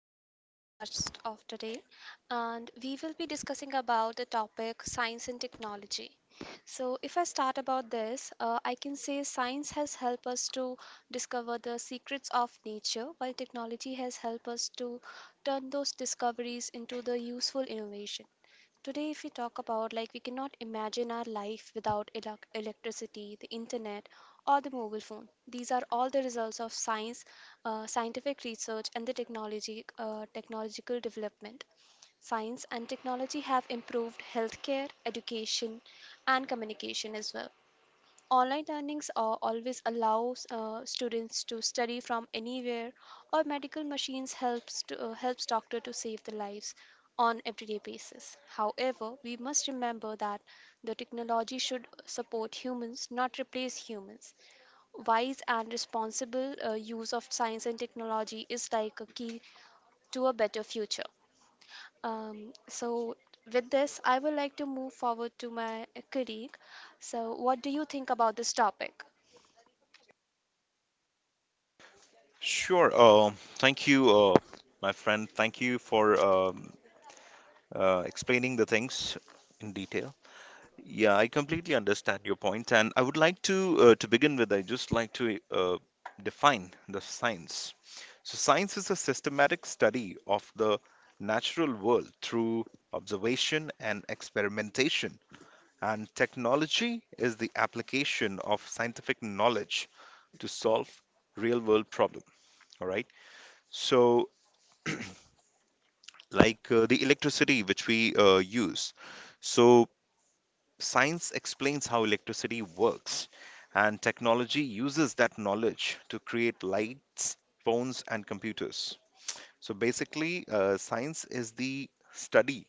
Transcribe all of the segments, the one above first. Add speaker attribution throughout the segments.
Speaker 1: welcome to the podcast of today and we will be discussing about the topic science and technology. So if I start about this, I can say science has helped us to discover the secrets of nature while technology has helped us to turn those discoveries into the useful innovation. Today, if we talk about like we cannot imagine our life without electricity, the internet, or the mobile phone. These are all the results of science, scientific research, and the technology technological development. Science and technology have improved healthcare, education, and communication as well. Online learnings are always allows students to study from anywhere, or medical machines helps to helps doctor to save the lives on everyday basis. However, we must remember that the technology should support humans, not replace humans. Wise and responsible use of science and technology is like a key to a better future. Um, so, with this, I would like to move forward to my colleague. So, what do you think about this topic?
Speaker 2: Sure. Thank you, my friend. Thank you for explaining the things in detail. Yeah, I completely understand your point, and I would like to begin with. I just like to define the science. So, science is a systematic study of the natural world through observation and experimentation, and technology is the application of scientific knowledge to solve real world problem, all right. So like the electricity which we use. So, science explains how electricity works, and technology uses that knowledge to create lights, phones, and computers. So, basically, science is the study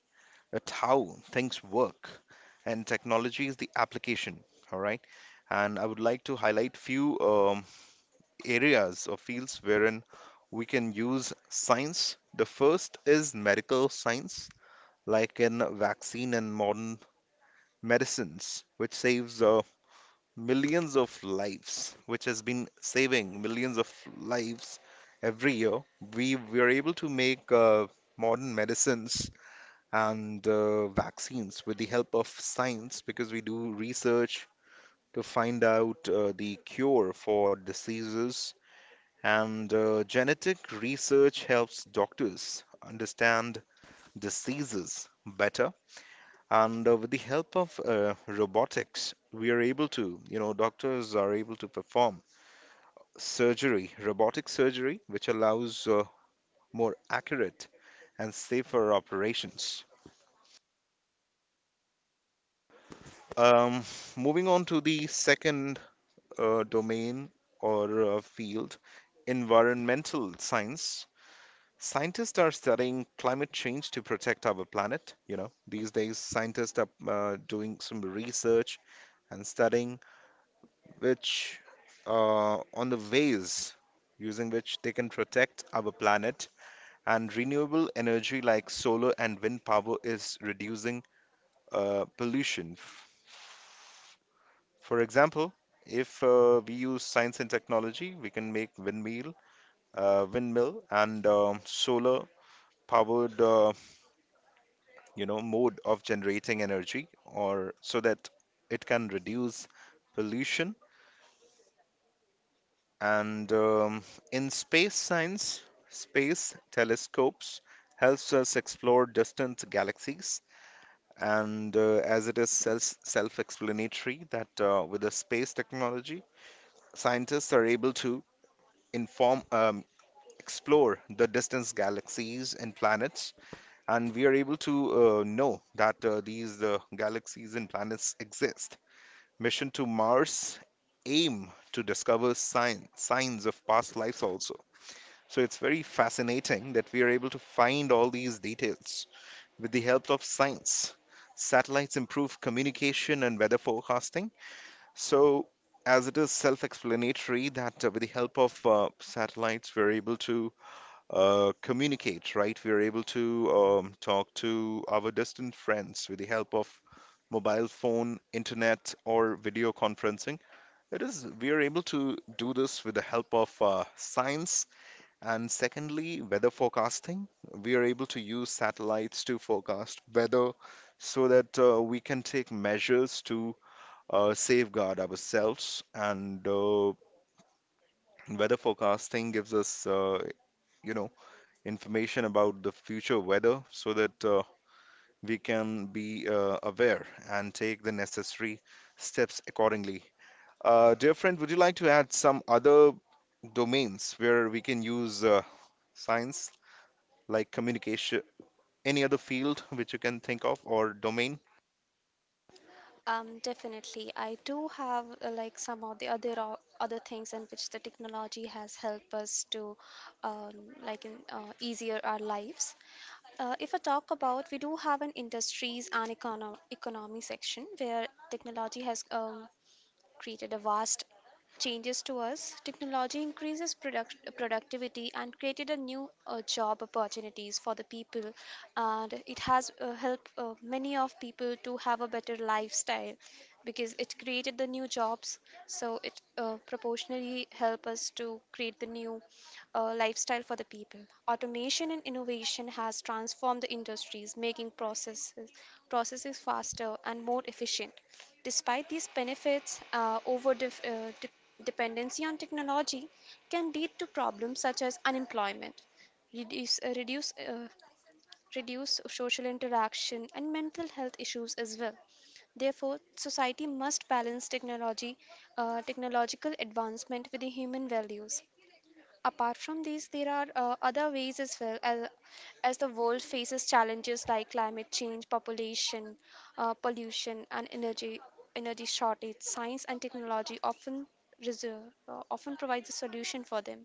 Speaker 2: at how things work, and technology is the application. All right. And I would like to highlight few areas or fields wherein we can use science. The first is medical science like in vaccine and modern medicines, which saves millions of lives, which has been saving millions of lives every year. We were able to make modern medicines and vaccines with the help of science because we do research to find out the cure for diseases. And genetic research helps doctors understand diseases better. And with the help of robotics, we are able to, you know, doctors are able to perform surgery, robotic surgery, which allows more accurate and safer operations. Um, Moving on to the second domain or field, environmental science. Scientists are studying climate change to protect our planet. You know, these days, scientists are doing some research and studying which on the ways using which they can protect our planet, and renewable energy like solar and wind power is reducing pollution. For example, if we use science and technology, we can make windmill, windmill and solar powered you know mode of generating energy or so that it can reduce pollution. And in space science, space telescopes helps us explore distant galaxies. And as it is self-explanatory that with the space technology, scientists are able to inform explore the distance galaxies and planets, and we are able to know that these galaxies and planets exist. Mission to Mars aim to discover signs of past lives also. So it's very fascinating that we are able to find all these details with the help of science. Satellites improve communication and weather forecasting. So, as it is self explanatory, that with the help of satellites, we're able to communicate, right? We're able to talk to our distant friends with the help of mobile phone, internet, or video conferencing. We are able to do this with the help of science, and secondly, weather forecasting. We are able to use satellites to forecast weather so that we can take measures to safeguard ourselves. And weather forecasting gives us, you know, information about the future weather so that we can be aware and take the necessary steps accordingly. Dear friend, would you like to add some other domains where we can use science, like communication, any other field which you can think of or domain?
Speaker 1: Definitely. I do have like some of the other things in which the technology has helped us to um, like easier our lives. If I talk about, we do have an industries and economy section where technology has created a vast changes to us. Technology increases productivity and created a new job opportunities for the people, and it has helped many of people to have a better lifestyle because it created the new jobs. So it proportionally help us to create the new lifestyle for the people. Automation and innovation has transformed the industries, making processes faster and more efficient. Despite these benefits, dependency on technology can lead to problems such as unemployment, reduce, uh, reduce, uh, reduce social interaction, and mental health issues as well. Therefore, society must balance technological advancement with the human values. Apart from these, there are other ways as well as the world faces challenges like climate change, pollution, and energy shortage. Science and technology reserve, often provides a solution for them.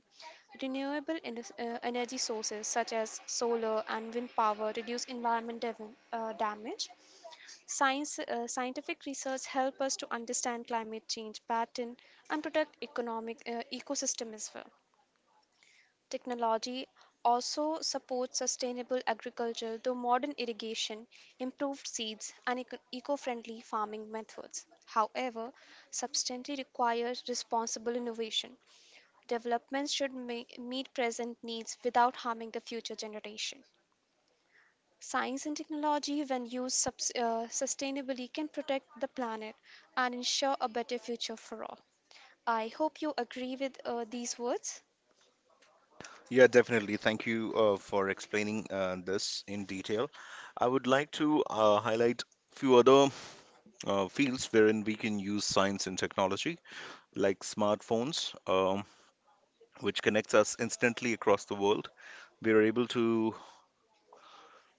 Speaker 1: Renewable energy sources such as solar and wind power reduce environment damage. Scientific research help us to understand climate change pattern and protect economic ecosystem as well. Technology also supports sustainable agriculture through modern irrigation, improved seeds, and eco-friendly farming methods. However, substantially requires responsible innovation. Developments should meet present needs without harming the future generation. Science and technology, when used sustainably, can protect the planet and ensure a better future for all. I hope you agree with these words.
Speaker 2: Yeah, definitely. Thank you for explaining this in detail. I would like to highlight few other fields wherein we can use science and technology, like smartphones, which connects us instantly across the world. We are able to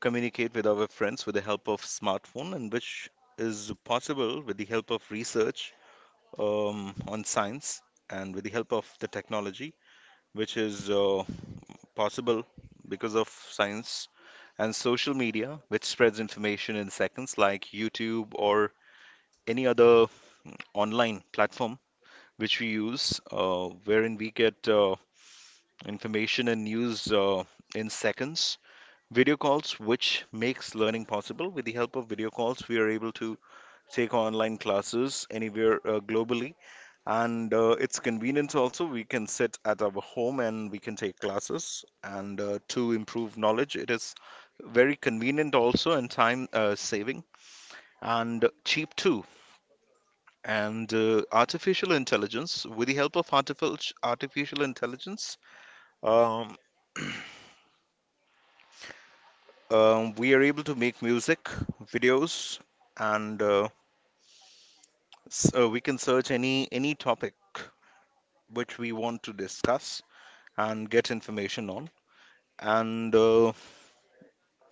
Speaker 2: communicate with our friends with the help of smartphone, and which is possible with the help of research on science and with the help of the technology, which is possible because of science, and social media, which spreads information in seconds, like YouTube or any other online platform which we use, wherein we get information and news in seconds. Video calls, which makes learning possible. With the help of video calls, we are able to take online classes anywhere globally. And it's convenient also. We can sit at our home and we can take classes. And to improve knowledge, it is very convenient also, and time saving and cheap too. And artificial intelligence, with the help of artificial intelligence, um, we are able to make music, videos, and we can search any topic which we want to discuss and get information on. And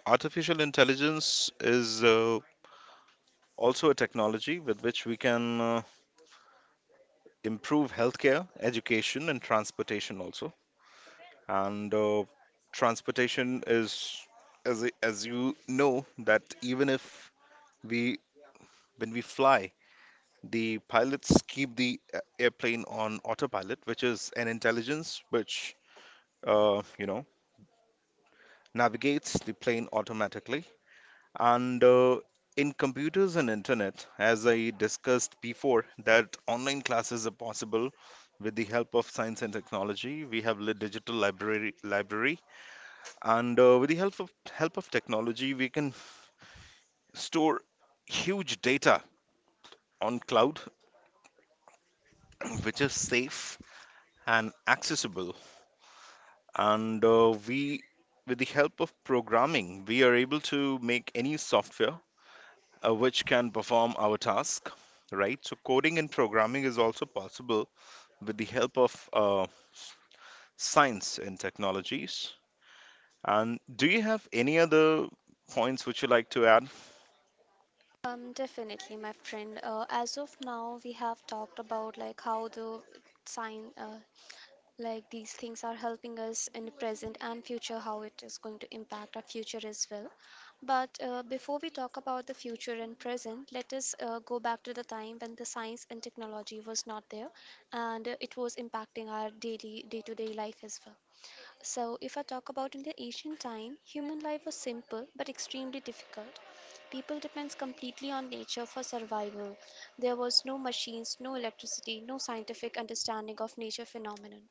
Speaker 2: artificial intelligence is also a technology with which we can improve healthcare, education, and transportation also. And transportation is, as you know, that even if we when we fly, the pilots keep the airplane on autopilot, which is an intelligence which you know navigates the plane automatically. And in computers and internet, as I discussed before, that online classes are possible with the help of science and technology. We have lit digital library, and with the help of technology, we can store huge data on cloud, which is safe and accessible. And with the help of programming, we are able to make any software which can perform our task, right? So, coding and programming is also possible with the help of science and technologies. And do you have any other points which you like to add?
Speaker 1: Definitely, my friend. As of now, we have talked about like how the sign, uh, like these things are helping us in the present and future, how it is going to impact our future as well. But before we talk about the future and present, let us go back to the time when the science and technology was not there, and it was impacting our daily, day-to-day life as well. So, if I talk about in the ancient time, human life was simple but extremely difficult. People depends completely on nature for survival. There was no machines, no electricity, no scientific understanding of nature phenomenon.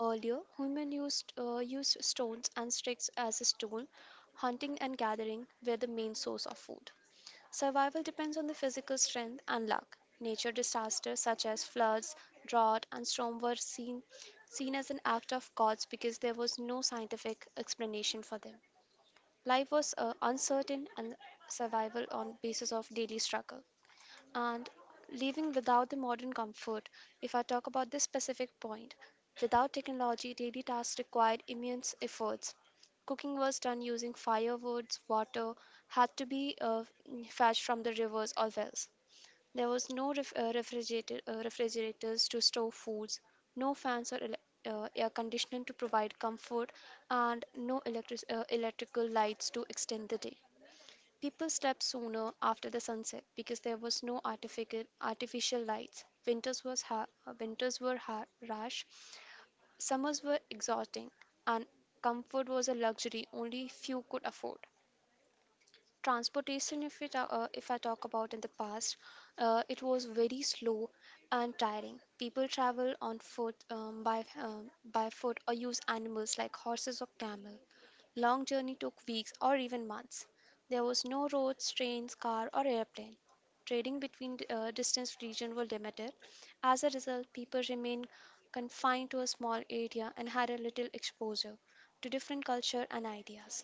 Speaker 1: Earlier, human used stones and sticks as a tool. Hunting and gathering were the main source of food. Survival depends on the physical strength and luck. Nature disasters such as floods, drought, and storm seen as an act of gods because there was no scientific explanation for them. Life was uncertain and survival on basis of daily struggle and living without the modern comfort. If I talk about this specific point, without technology, daily tasks required immense efforts. Cooking was done using firewoods, water had to be fetched from the rivers or wells. There was no refrigerator, refrigerators to store foods, no air conditioning to provide comfort, and no electrical lights to extend the day. People slept sooner after the sunset because there was no artificial lights. Winters were harsh, summers were exhausting, and comfort was a luxury only few could afford. Transportation, if I talk about in the past, it was very slow and tiring. People travel on foot, by foot, or use animals like horses or camel. Long journey took weeks or even months. There was no roads, trains, car or airplane. Trading between distant regions were limited. As a result, people remained confined to a small area and had a little exposure to different culture and ideas.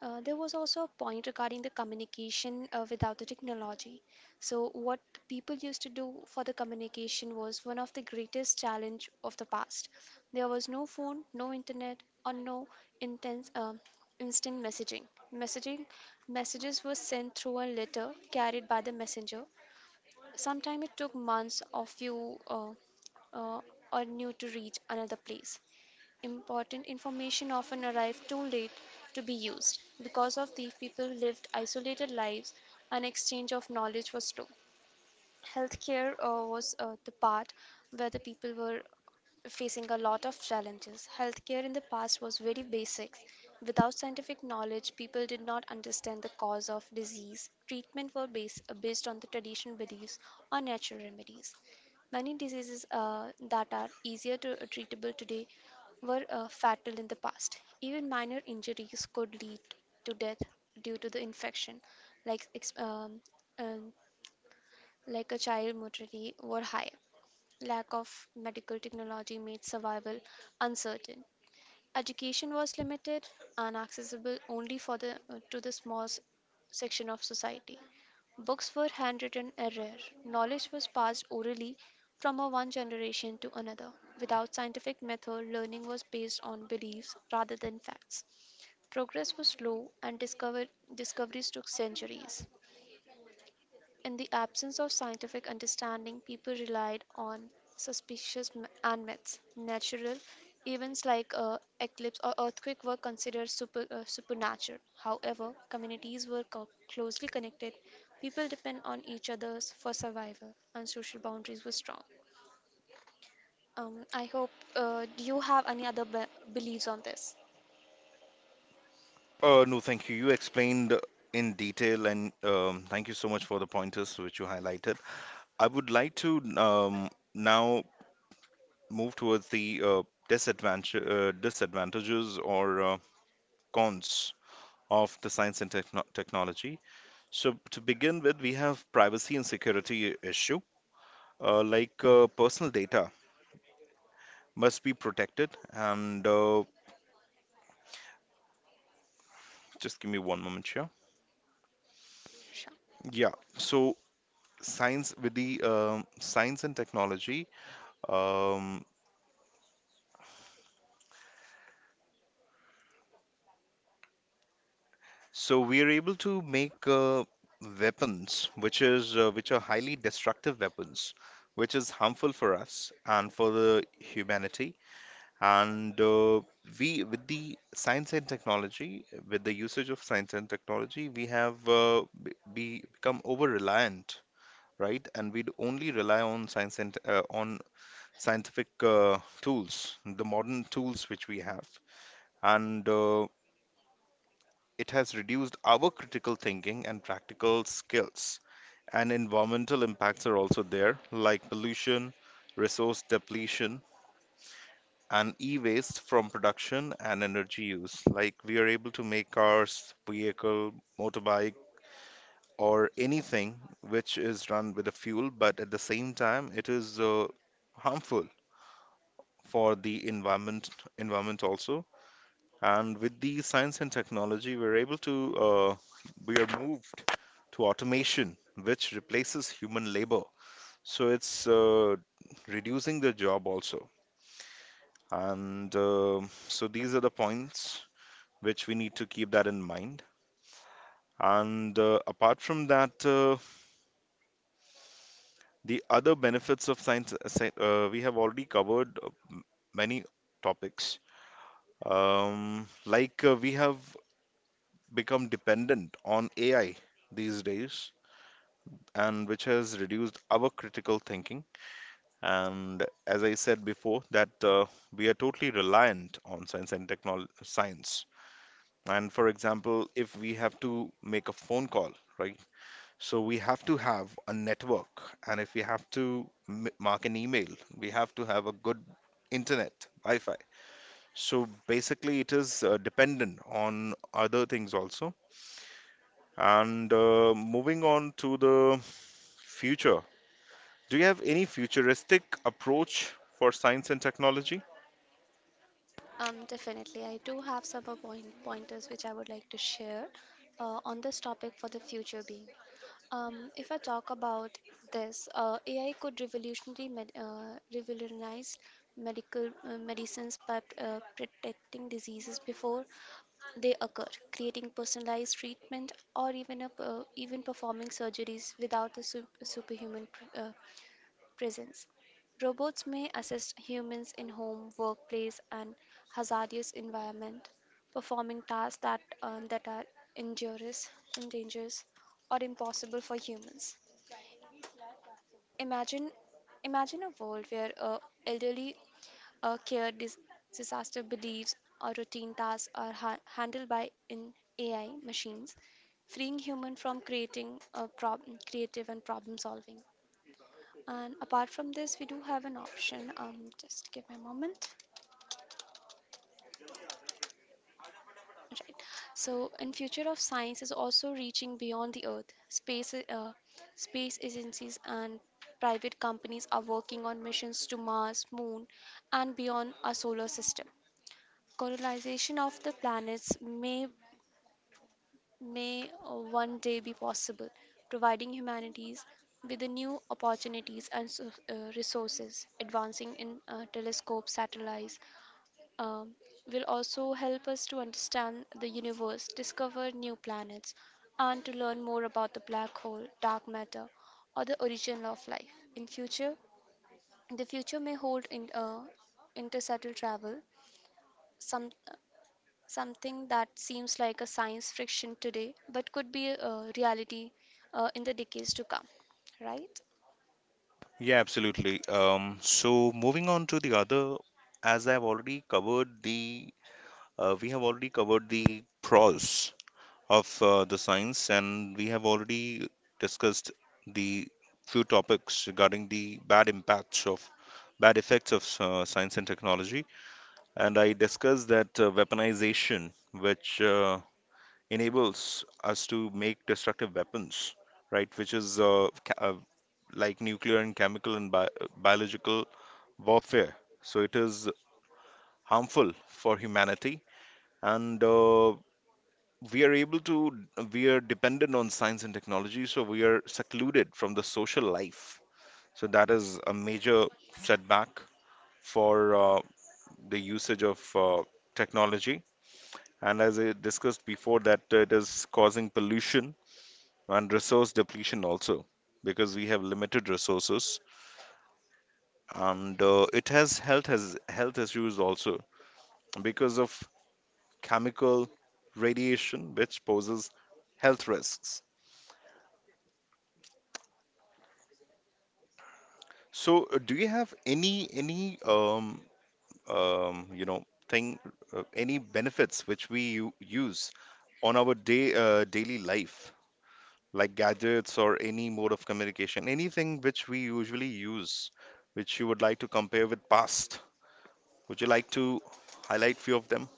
Speaker 1: There was also a point regarding the communication without the technology. So, what people used to do for the communication was one of the greatest challenge of the past. There was no phone, no internet, or no intense instant messaging. Messaging messages were sent through a letter carried by the messenger. Sometimes it took months or few uh, or new to reach another place. Important information often arrived too late to be used. Because of this, people lived isolated lives and exchange of knowledge was slow. Healthcare was the part where the people were facing a lot of challenges. Healthcare in the past was very basic. Without scientific knowledge, people did not understand the cause of disease. Treatment were based on the traditional beliefs or natural remedies. Many diseases that are easier to treatable today were fatal in the past. Even minor injuries could lead to death due to the infection, like ex- um, um, like a child mortality were high. Lack of medical technology made survival uncertain. Education was limited and accessible only for the small section of society. Books were handwritten and rare. Knowledge was passed orally from a one generation to another. Without scientific method, learning was based on beliefs rather than facts. Progress was slow and discoveries took centuries. In the absence of scientific understanding, people relied on suspicious and myths. Natural events like eclipse or earthquake were considered supernatural. However, communities were closely connected. People depend on each other's for survival, and social boundaries were strong. I hope. Do you have any other beliefs on this?
Speaker 2: No, thank you. You explained in detail, and thank you so much for the pointers which you highlighted. I would like to now move towards the disadvantages or cons of the science and technology. So to begin with, we have privacy and security issue. Like personal data must be protected, and just give me one moment here.
Speaker 1: Sure.
Speaker 2: Yeah. So science with the science and technology. Um, so we are able to make weapons, which is which are highly destructive weapons, which is harmful for us and for the humanity. And with the science and technology, with the usage of science and technology, we have become over reliant, right? And we only rely on science and on scientific tools, the modern tools which we have, and it has reduced our critical thinking and practical skills. And environmental impacts are also there, like pollution, resource depletion, and e-waste from production and energy use. Like we are able to make cars, vehicle, motorbike, or anything which is run with a fuel, but at the same time, it is harmful for the environment also. And with the science and technology, we are moved to automation, which replaces human labor. So it's reducing the job also. And so these are the points which we need to keep that in mind. And apart from that, the other benefits of science, we have already covered many topics. Like we have become dependent on AI these days, and which has reduced our critical thinking. And as I said before, that we are totally reliant on science and technology, science. And for example, if we have to make a phone call, right? So we have to have a network, and if we have to mark an email, we have to have a good internet, Wi-Fi. So basically, it is dependent on other things also. And moving on to the future, do you have any futuristic approach for science and technology?
Speaker 1: Definitely. I do have some pointers which I would like to share on this topic for the future being. If I talk about this, AI could revolutionary med revolutionize medical medicines by detecting diseases before they occur, creating personalized treatment, or even performing surgeries without a su superhuman pr presence. Robots may assist humans in home, workplace, and hazardous environment, performing tasks that are injurious, endangered, or impossible for humans. Imagine, imagine a world where a elderly uh, care dis- disaster believes or routine tasks are handled by in AI machines, freeing human from creative and problem solving. And apart from this, we do have an option. Just give me a moment. Right. So, in future of science is also reaching beyond the Earth. Space, uh, Space agencies and private companies are working on missions to Mars, Moon, and beyond our solar system. Colonization of the planets may may one day be possible, providing humanities with the new opportunities and so, resources. Advancing in telescopes, satellites, um, will also help us to understand the universe, discover new planets, and to learn more about the black hole, dark matter, or the origin of life. The future may hold interstellar travel, some something that seems like a science fiction today, but could be a reality in the decades to come. Right?
Speaker 2: Yeah, absolutely. So moving on to the other, as I've already covered the, we have already covered the pros of the science, and we have already discussed the few topics regarding the bad effects of science and technology. And I discussed that weaponization, which enables us to make destructive weapons, right, which is like nuclear and chemical and biological warfare. So it is harmful for humanity. And we are able to we are dependent on science and technology, so we are secluded from the social life, so that is a major setback for the usage of uh, technology. And as I discussed before, that it is causing pollution and resource depletion also, because we have limited resources, and it has health issues also because of chemical radiation, which poses health risks. So, do you have any you know thing, any benefits which we use on our day daily life, like gadgets or any mode of communication, anything which we usually use, which you would like to compare with past? Would you like to highlight few of them?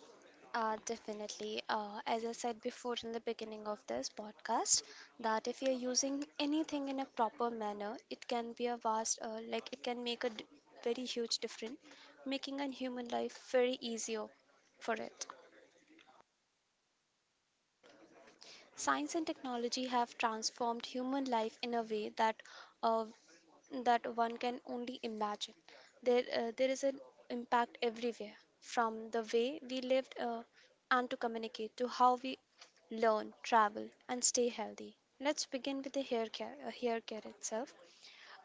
Speaker 1: Definitely. As I said before in the beginning of this podcast, that if you're using anything in a proper manner, it can be a like it can make a very huge difference, making a human life very easier for it. Science and technology have transformed human life in a way uh, that one can only imagine. There is an impact everywhere, from the way we lived and to communicate to how we learn, travel, and stay healthy. Let's begin with the hair care itself.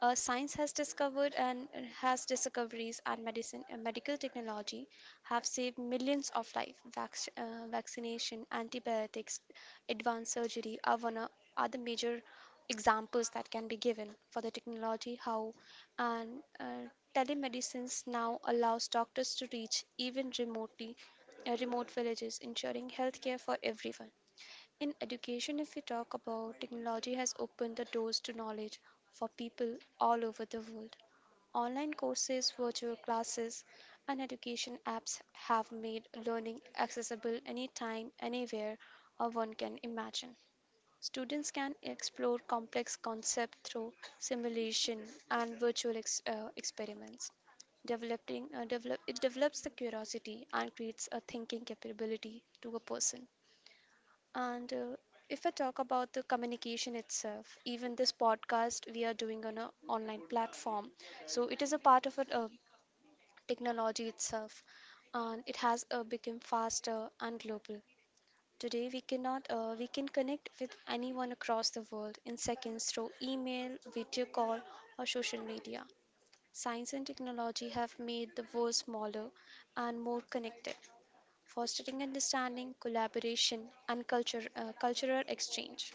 Speaker 1: Science has discovered and has discoveries and medicine and medical technology have saved millions of lives. Vaccination, antibiotics, advanced surgery are the major examples that can be given for the technology how and uh, telemedicines now allows doctors to reach even remote villages, ensuring healthcare for everyone. In education, if we talk about technology, has opened the doors to knowledge for people all over the world. Online courses, virtual classes, and education apps have made learning accessible anytime, anywhere, or one can imagine. Students can explore complex concepts through simulation and virtual experiments. It develops the curiosity and creates a thinking capability to a person. And If I talk about the communication itself, even this podcast we are doing on an online platform, so it is a part of technology itself, and it has become faster and global. Today we cannot we can connect with anyone across the world in seconds through email, video call, or social media. Science and technology have made the world smaller and more connected, fostering understanding, collaboration, and cultural exchange.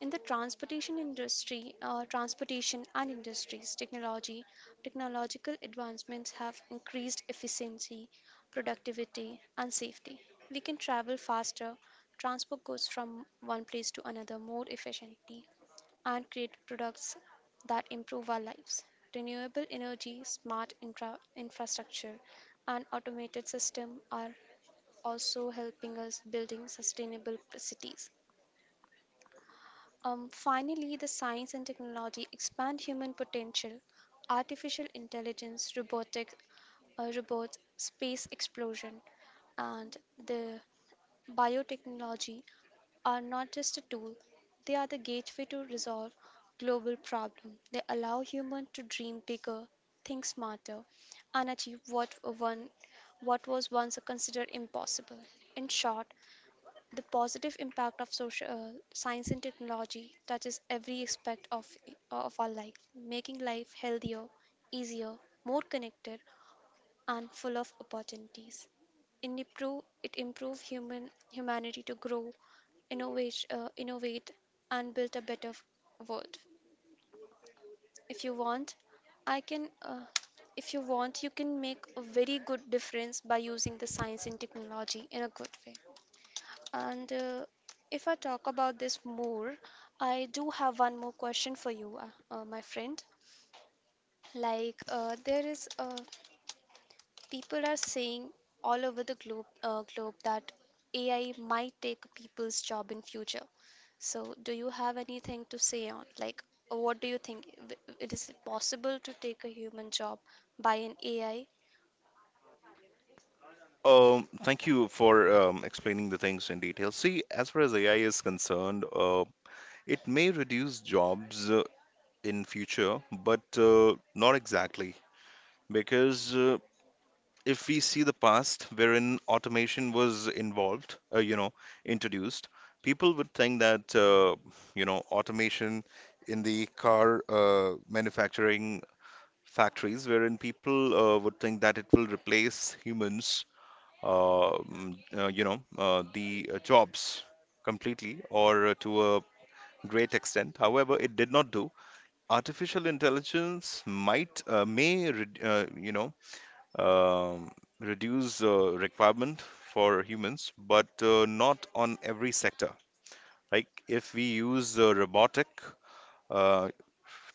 Speaker 1: In the transportation industry, transportation and industries technology, technological advancements have increased efficiency, productivity, and safety. We can travel faster, transport goods from one place to another more efficiently, and create products that improve our lives. Renewable energy, infrastructure, and automated system are also helping us building sustainable cities. Finally, the science and technology expand human potential. Artificial intelligence, robotics, robots, space explosion, and the biotechnology are not just a tool; they are the gateway to resolve global problem. They allow human to dream bigger, think smarter, and achieve what was once considered impossible. In short, the positive impact of social science and technology touches every aspect of our life, making life healthier, easier, more connected, and full of opportunities. It improve human humanity to grow, innovate, and build a better world. If you want, I can. If you want, you can make a very good difference by using the science and technology in a good way. And If I talk about this more, I do have one more question for you, my friend. There is, people are saying all over the globe that AI might take people's job in future. So, do you have anything to say on, like, what do you think? It is possible to take a human job by an AI?
Speaker 2: Thank you for explaining the things in detail. See, as far as AI is concerned, it may reduce jobs in future, but not exactly. Because if we see the past wherein automation was involved, introduced, people would think that you know automation in the car manufacturing factories, wherein people would think that it will replace humans, you know, the jobs completely or to a great extent. However, it did not do. Artificial intelligence might may re- you know um, reduce requirement for humans, but not on every sector. Like if we use robotic uh,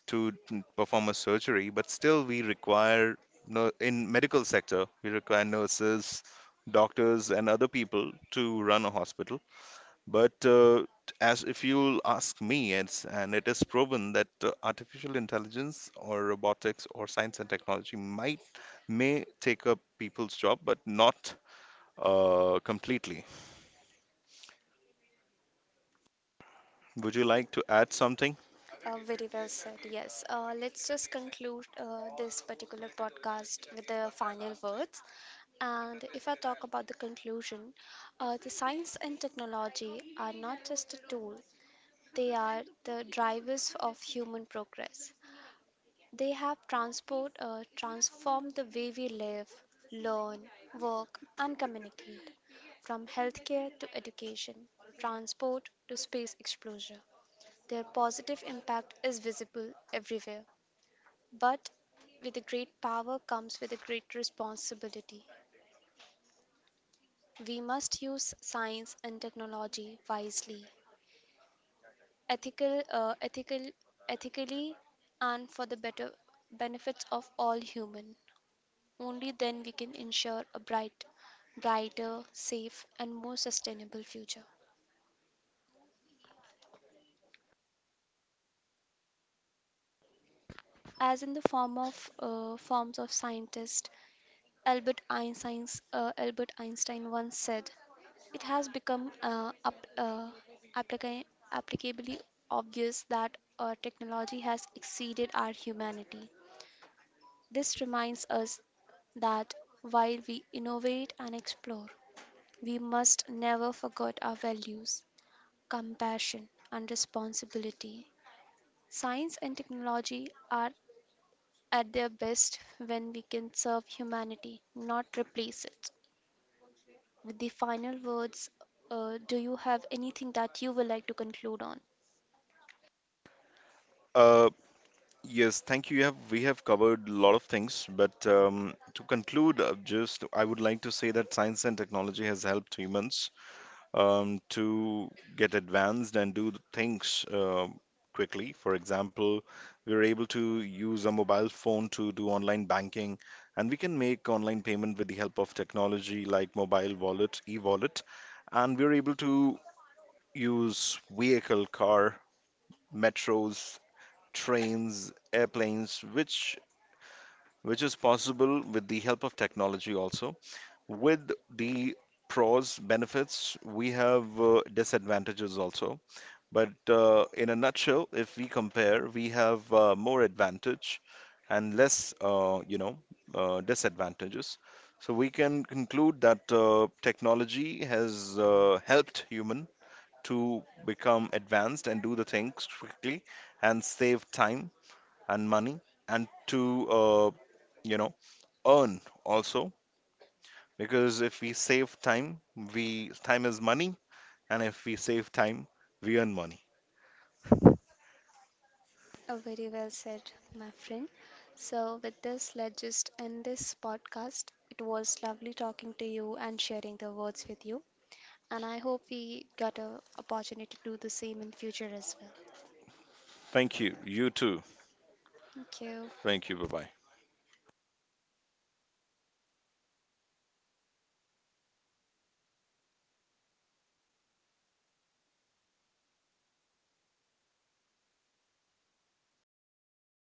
Speaker 2: perform a surgery, but still we require no in medical sector we require nurses, doctors, and other people to run a hospital. But as if you'll ask me, it is proven that artificial intelligence or robotics or science and technology might may take up people's job, but not completely. Would you like to add something?
Speaker 1: Very well said. Yes. Let's just conclude this particular podcast with the final words. And if I talk about the conclusion, the science and technology are not just a tool, they are the drivers of human progress. They have transformed the way we live, learn, work, and communicate, from healthcare to education, transport to space exposure. Their positive impact is visible everywhere. But with a great power comes with a great responsibility. We must use science and technology wisely, ethical, uh, ethical, ethically, and for the better benefits of all human. Only then we can ensure a bright, brighter, safe, and more sustainable future. As in the form of scientist, Albert Einstein once said, it has become applica- applicably obvious that technology has exceeded our humanity. This reminds us that while we innovate and explore, we must never forget our values, compassion, and responsibility. Science and technology are at their best when we can serve humanity, not replace it. With the final words, do you have anything that you would like to conclude on?
Speaker 2: Uh, yes, thank you. We have covered a lot of things, but to conclude, just I would like to say that science and technology has helped humans to get advanced and do things quickly. For example, we are able to use a mobile phone to do online banking, and we can make online payment with the help of technology like mobile wallet, e-wallet, and we are able to use vehicle, car, metros, trains, airplanes, which is possible with the help of technology also. With the pros benefits, we have disadvantages also. But in a nutshell, if we compare, we have more advantage and less, disadvantages. So we can conclude that technology has helped human to become advanced and do the things quickly and save time and money and to, you know, earn also. Because if we save time, we time is money, and if we save time, we earn money.
Speaker 1: Oh, very well said, my friend. So, with this, let's just end this podcast. It was lovely talking to you and sharing the words with you. And I hope we got a opportunity to do the same in future as well.
Speaker 2: Thank you. You too.
Speaker 1: Thank you.
Speaker 2: Thank you. Bye-bye.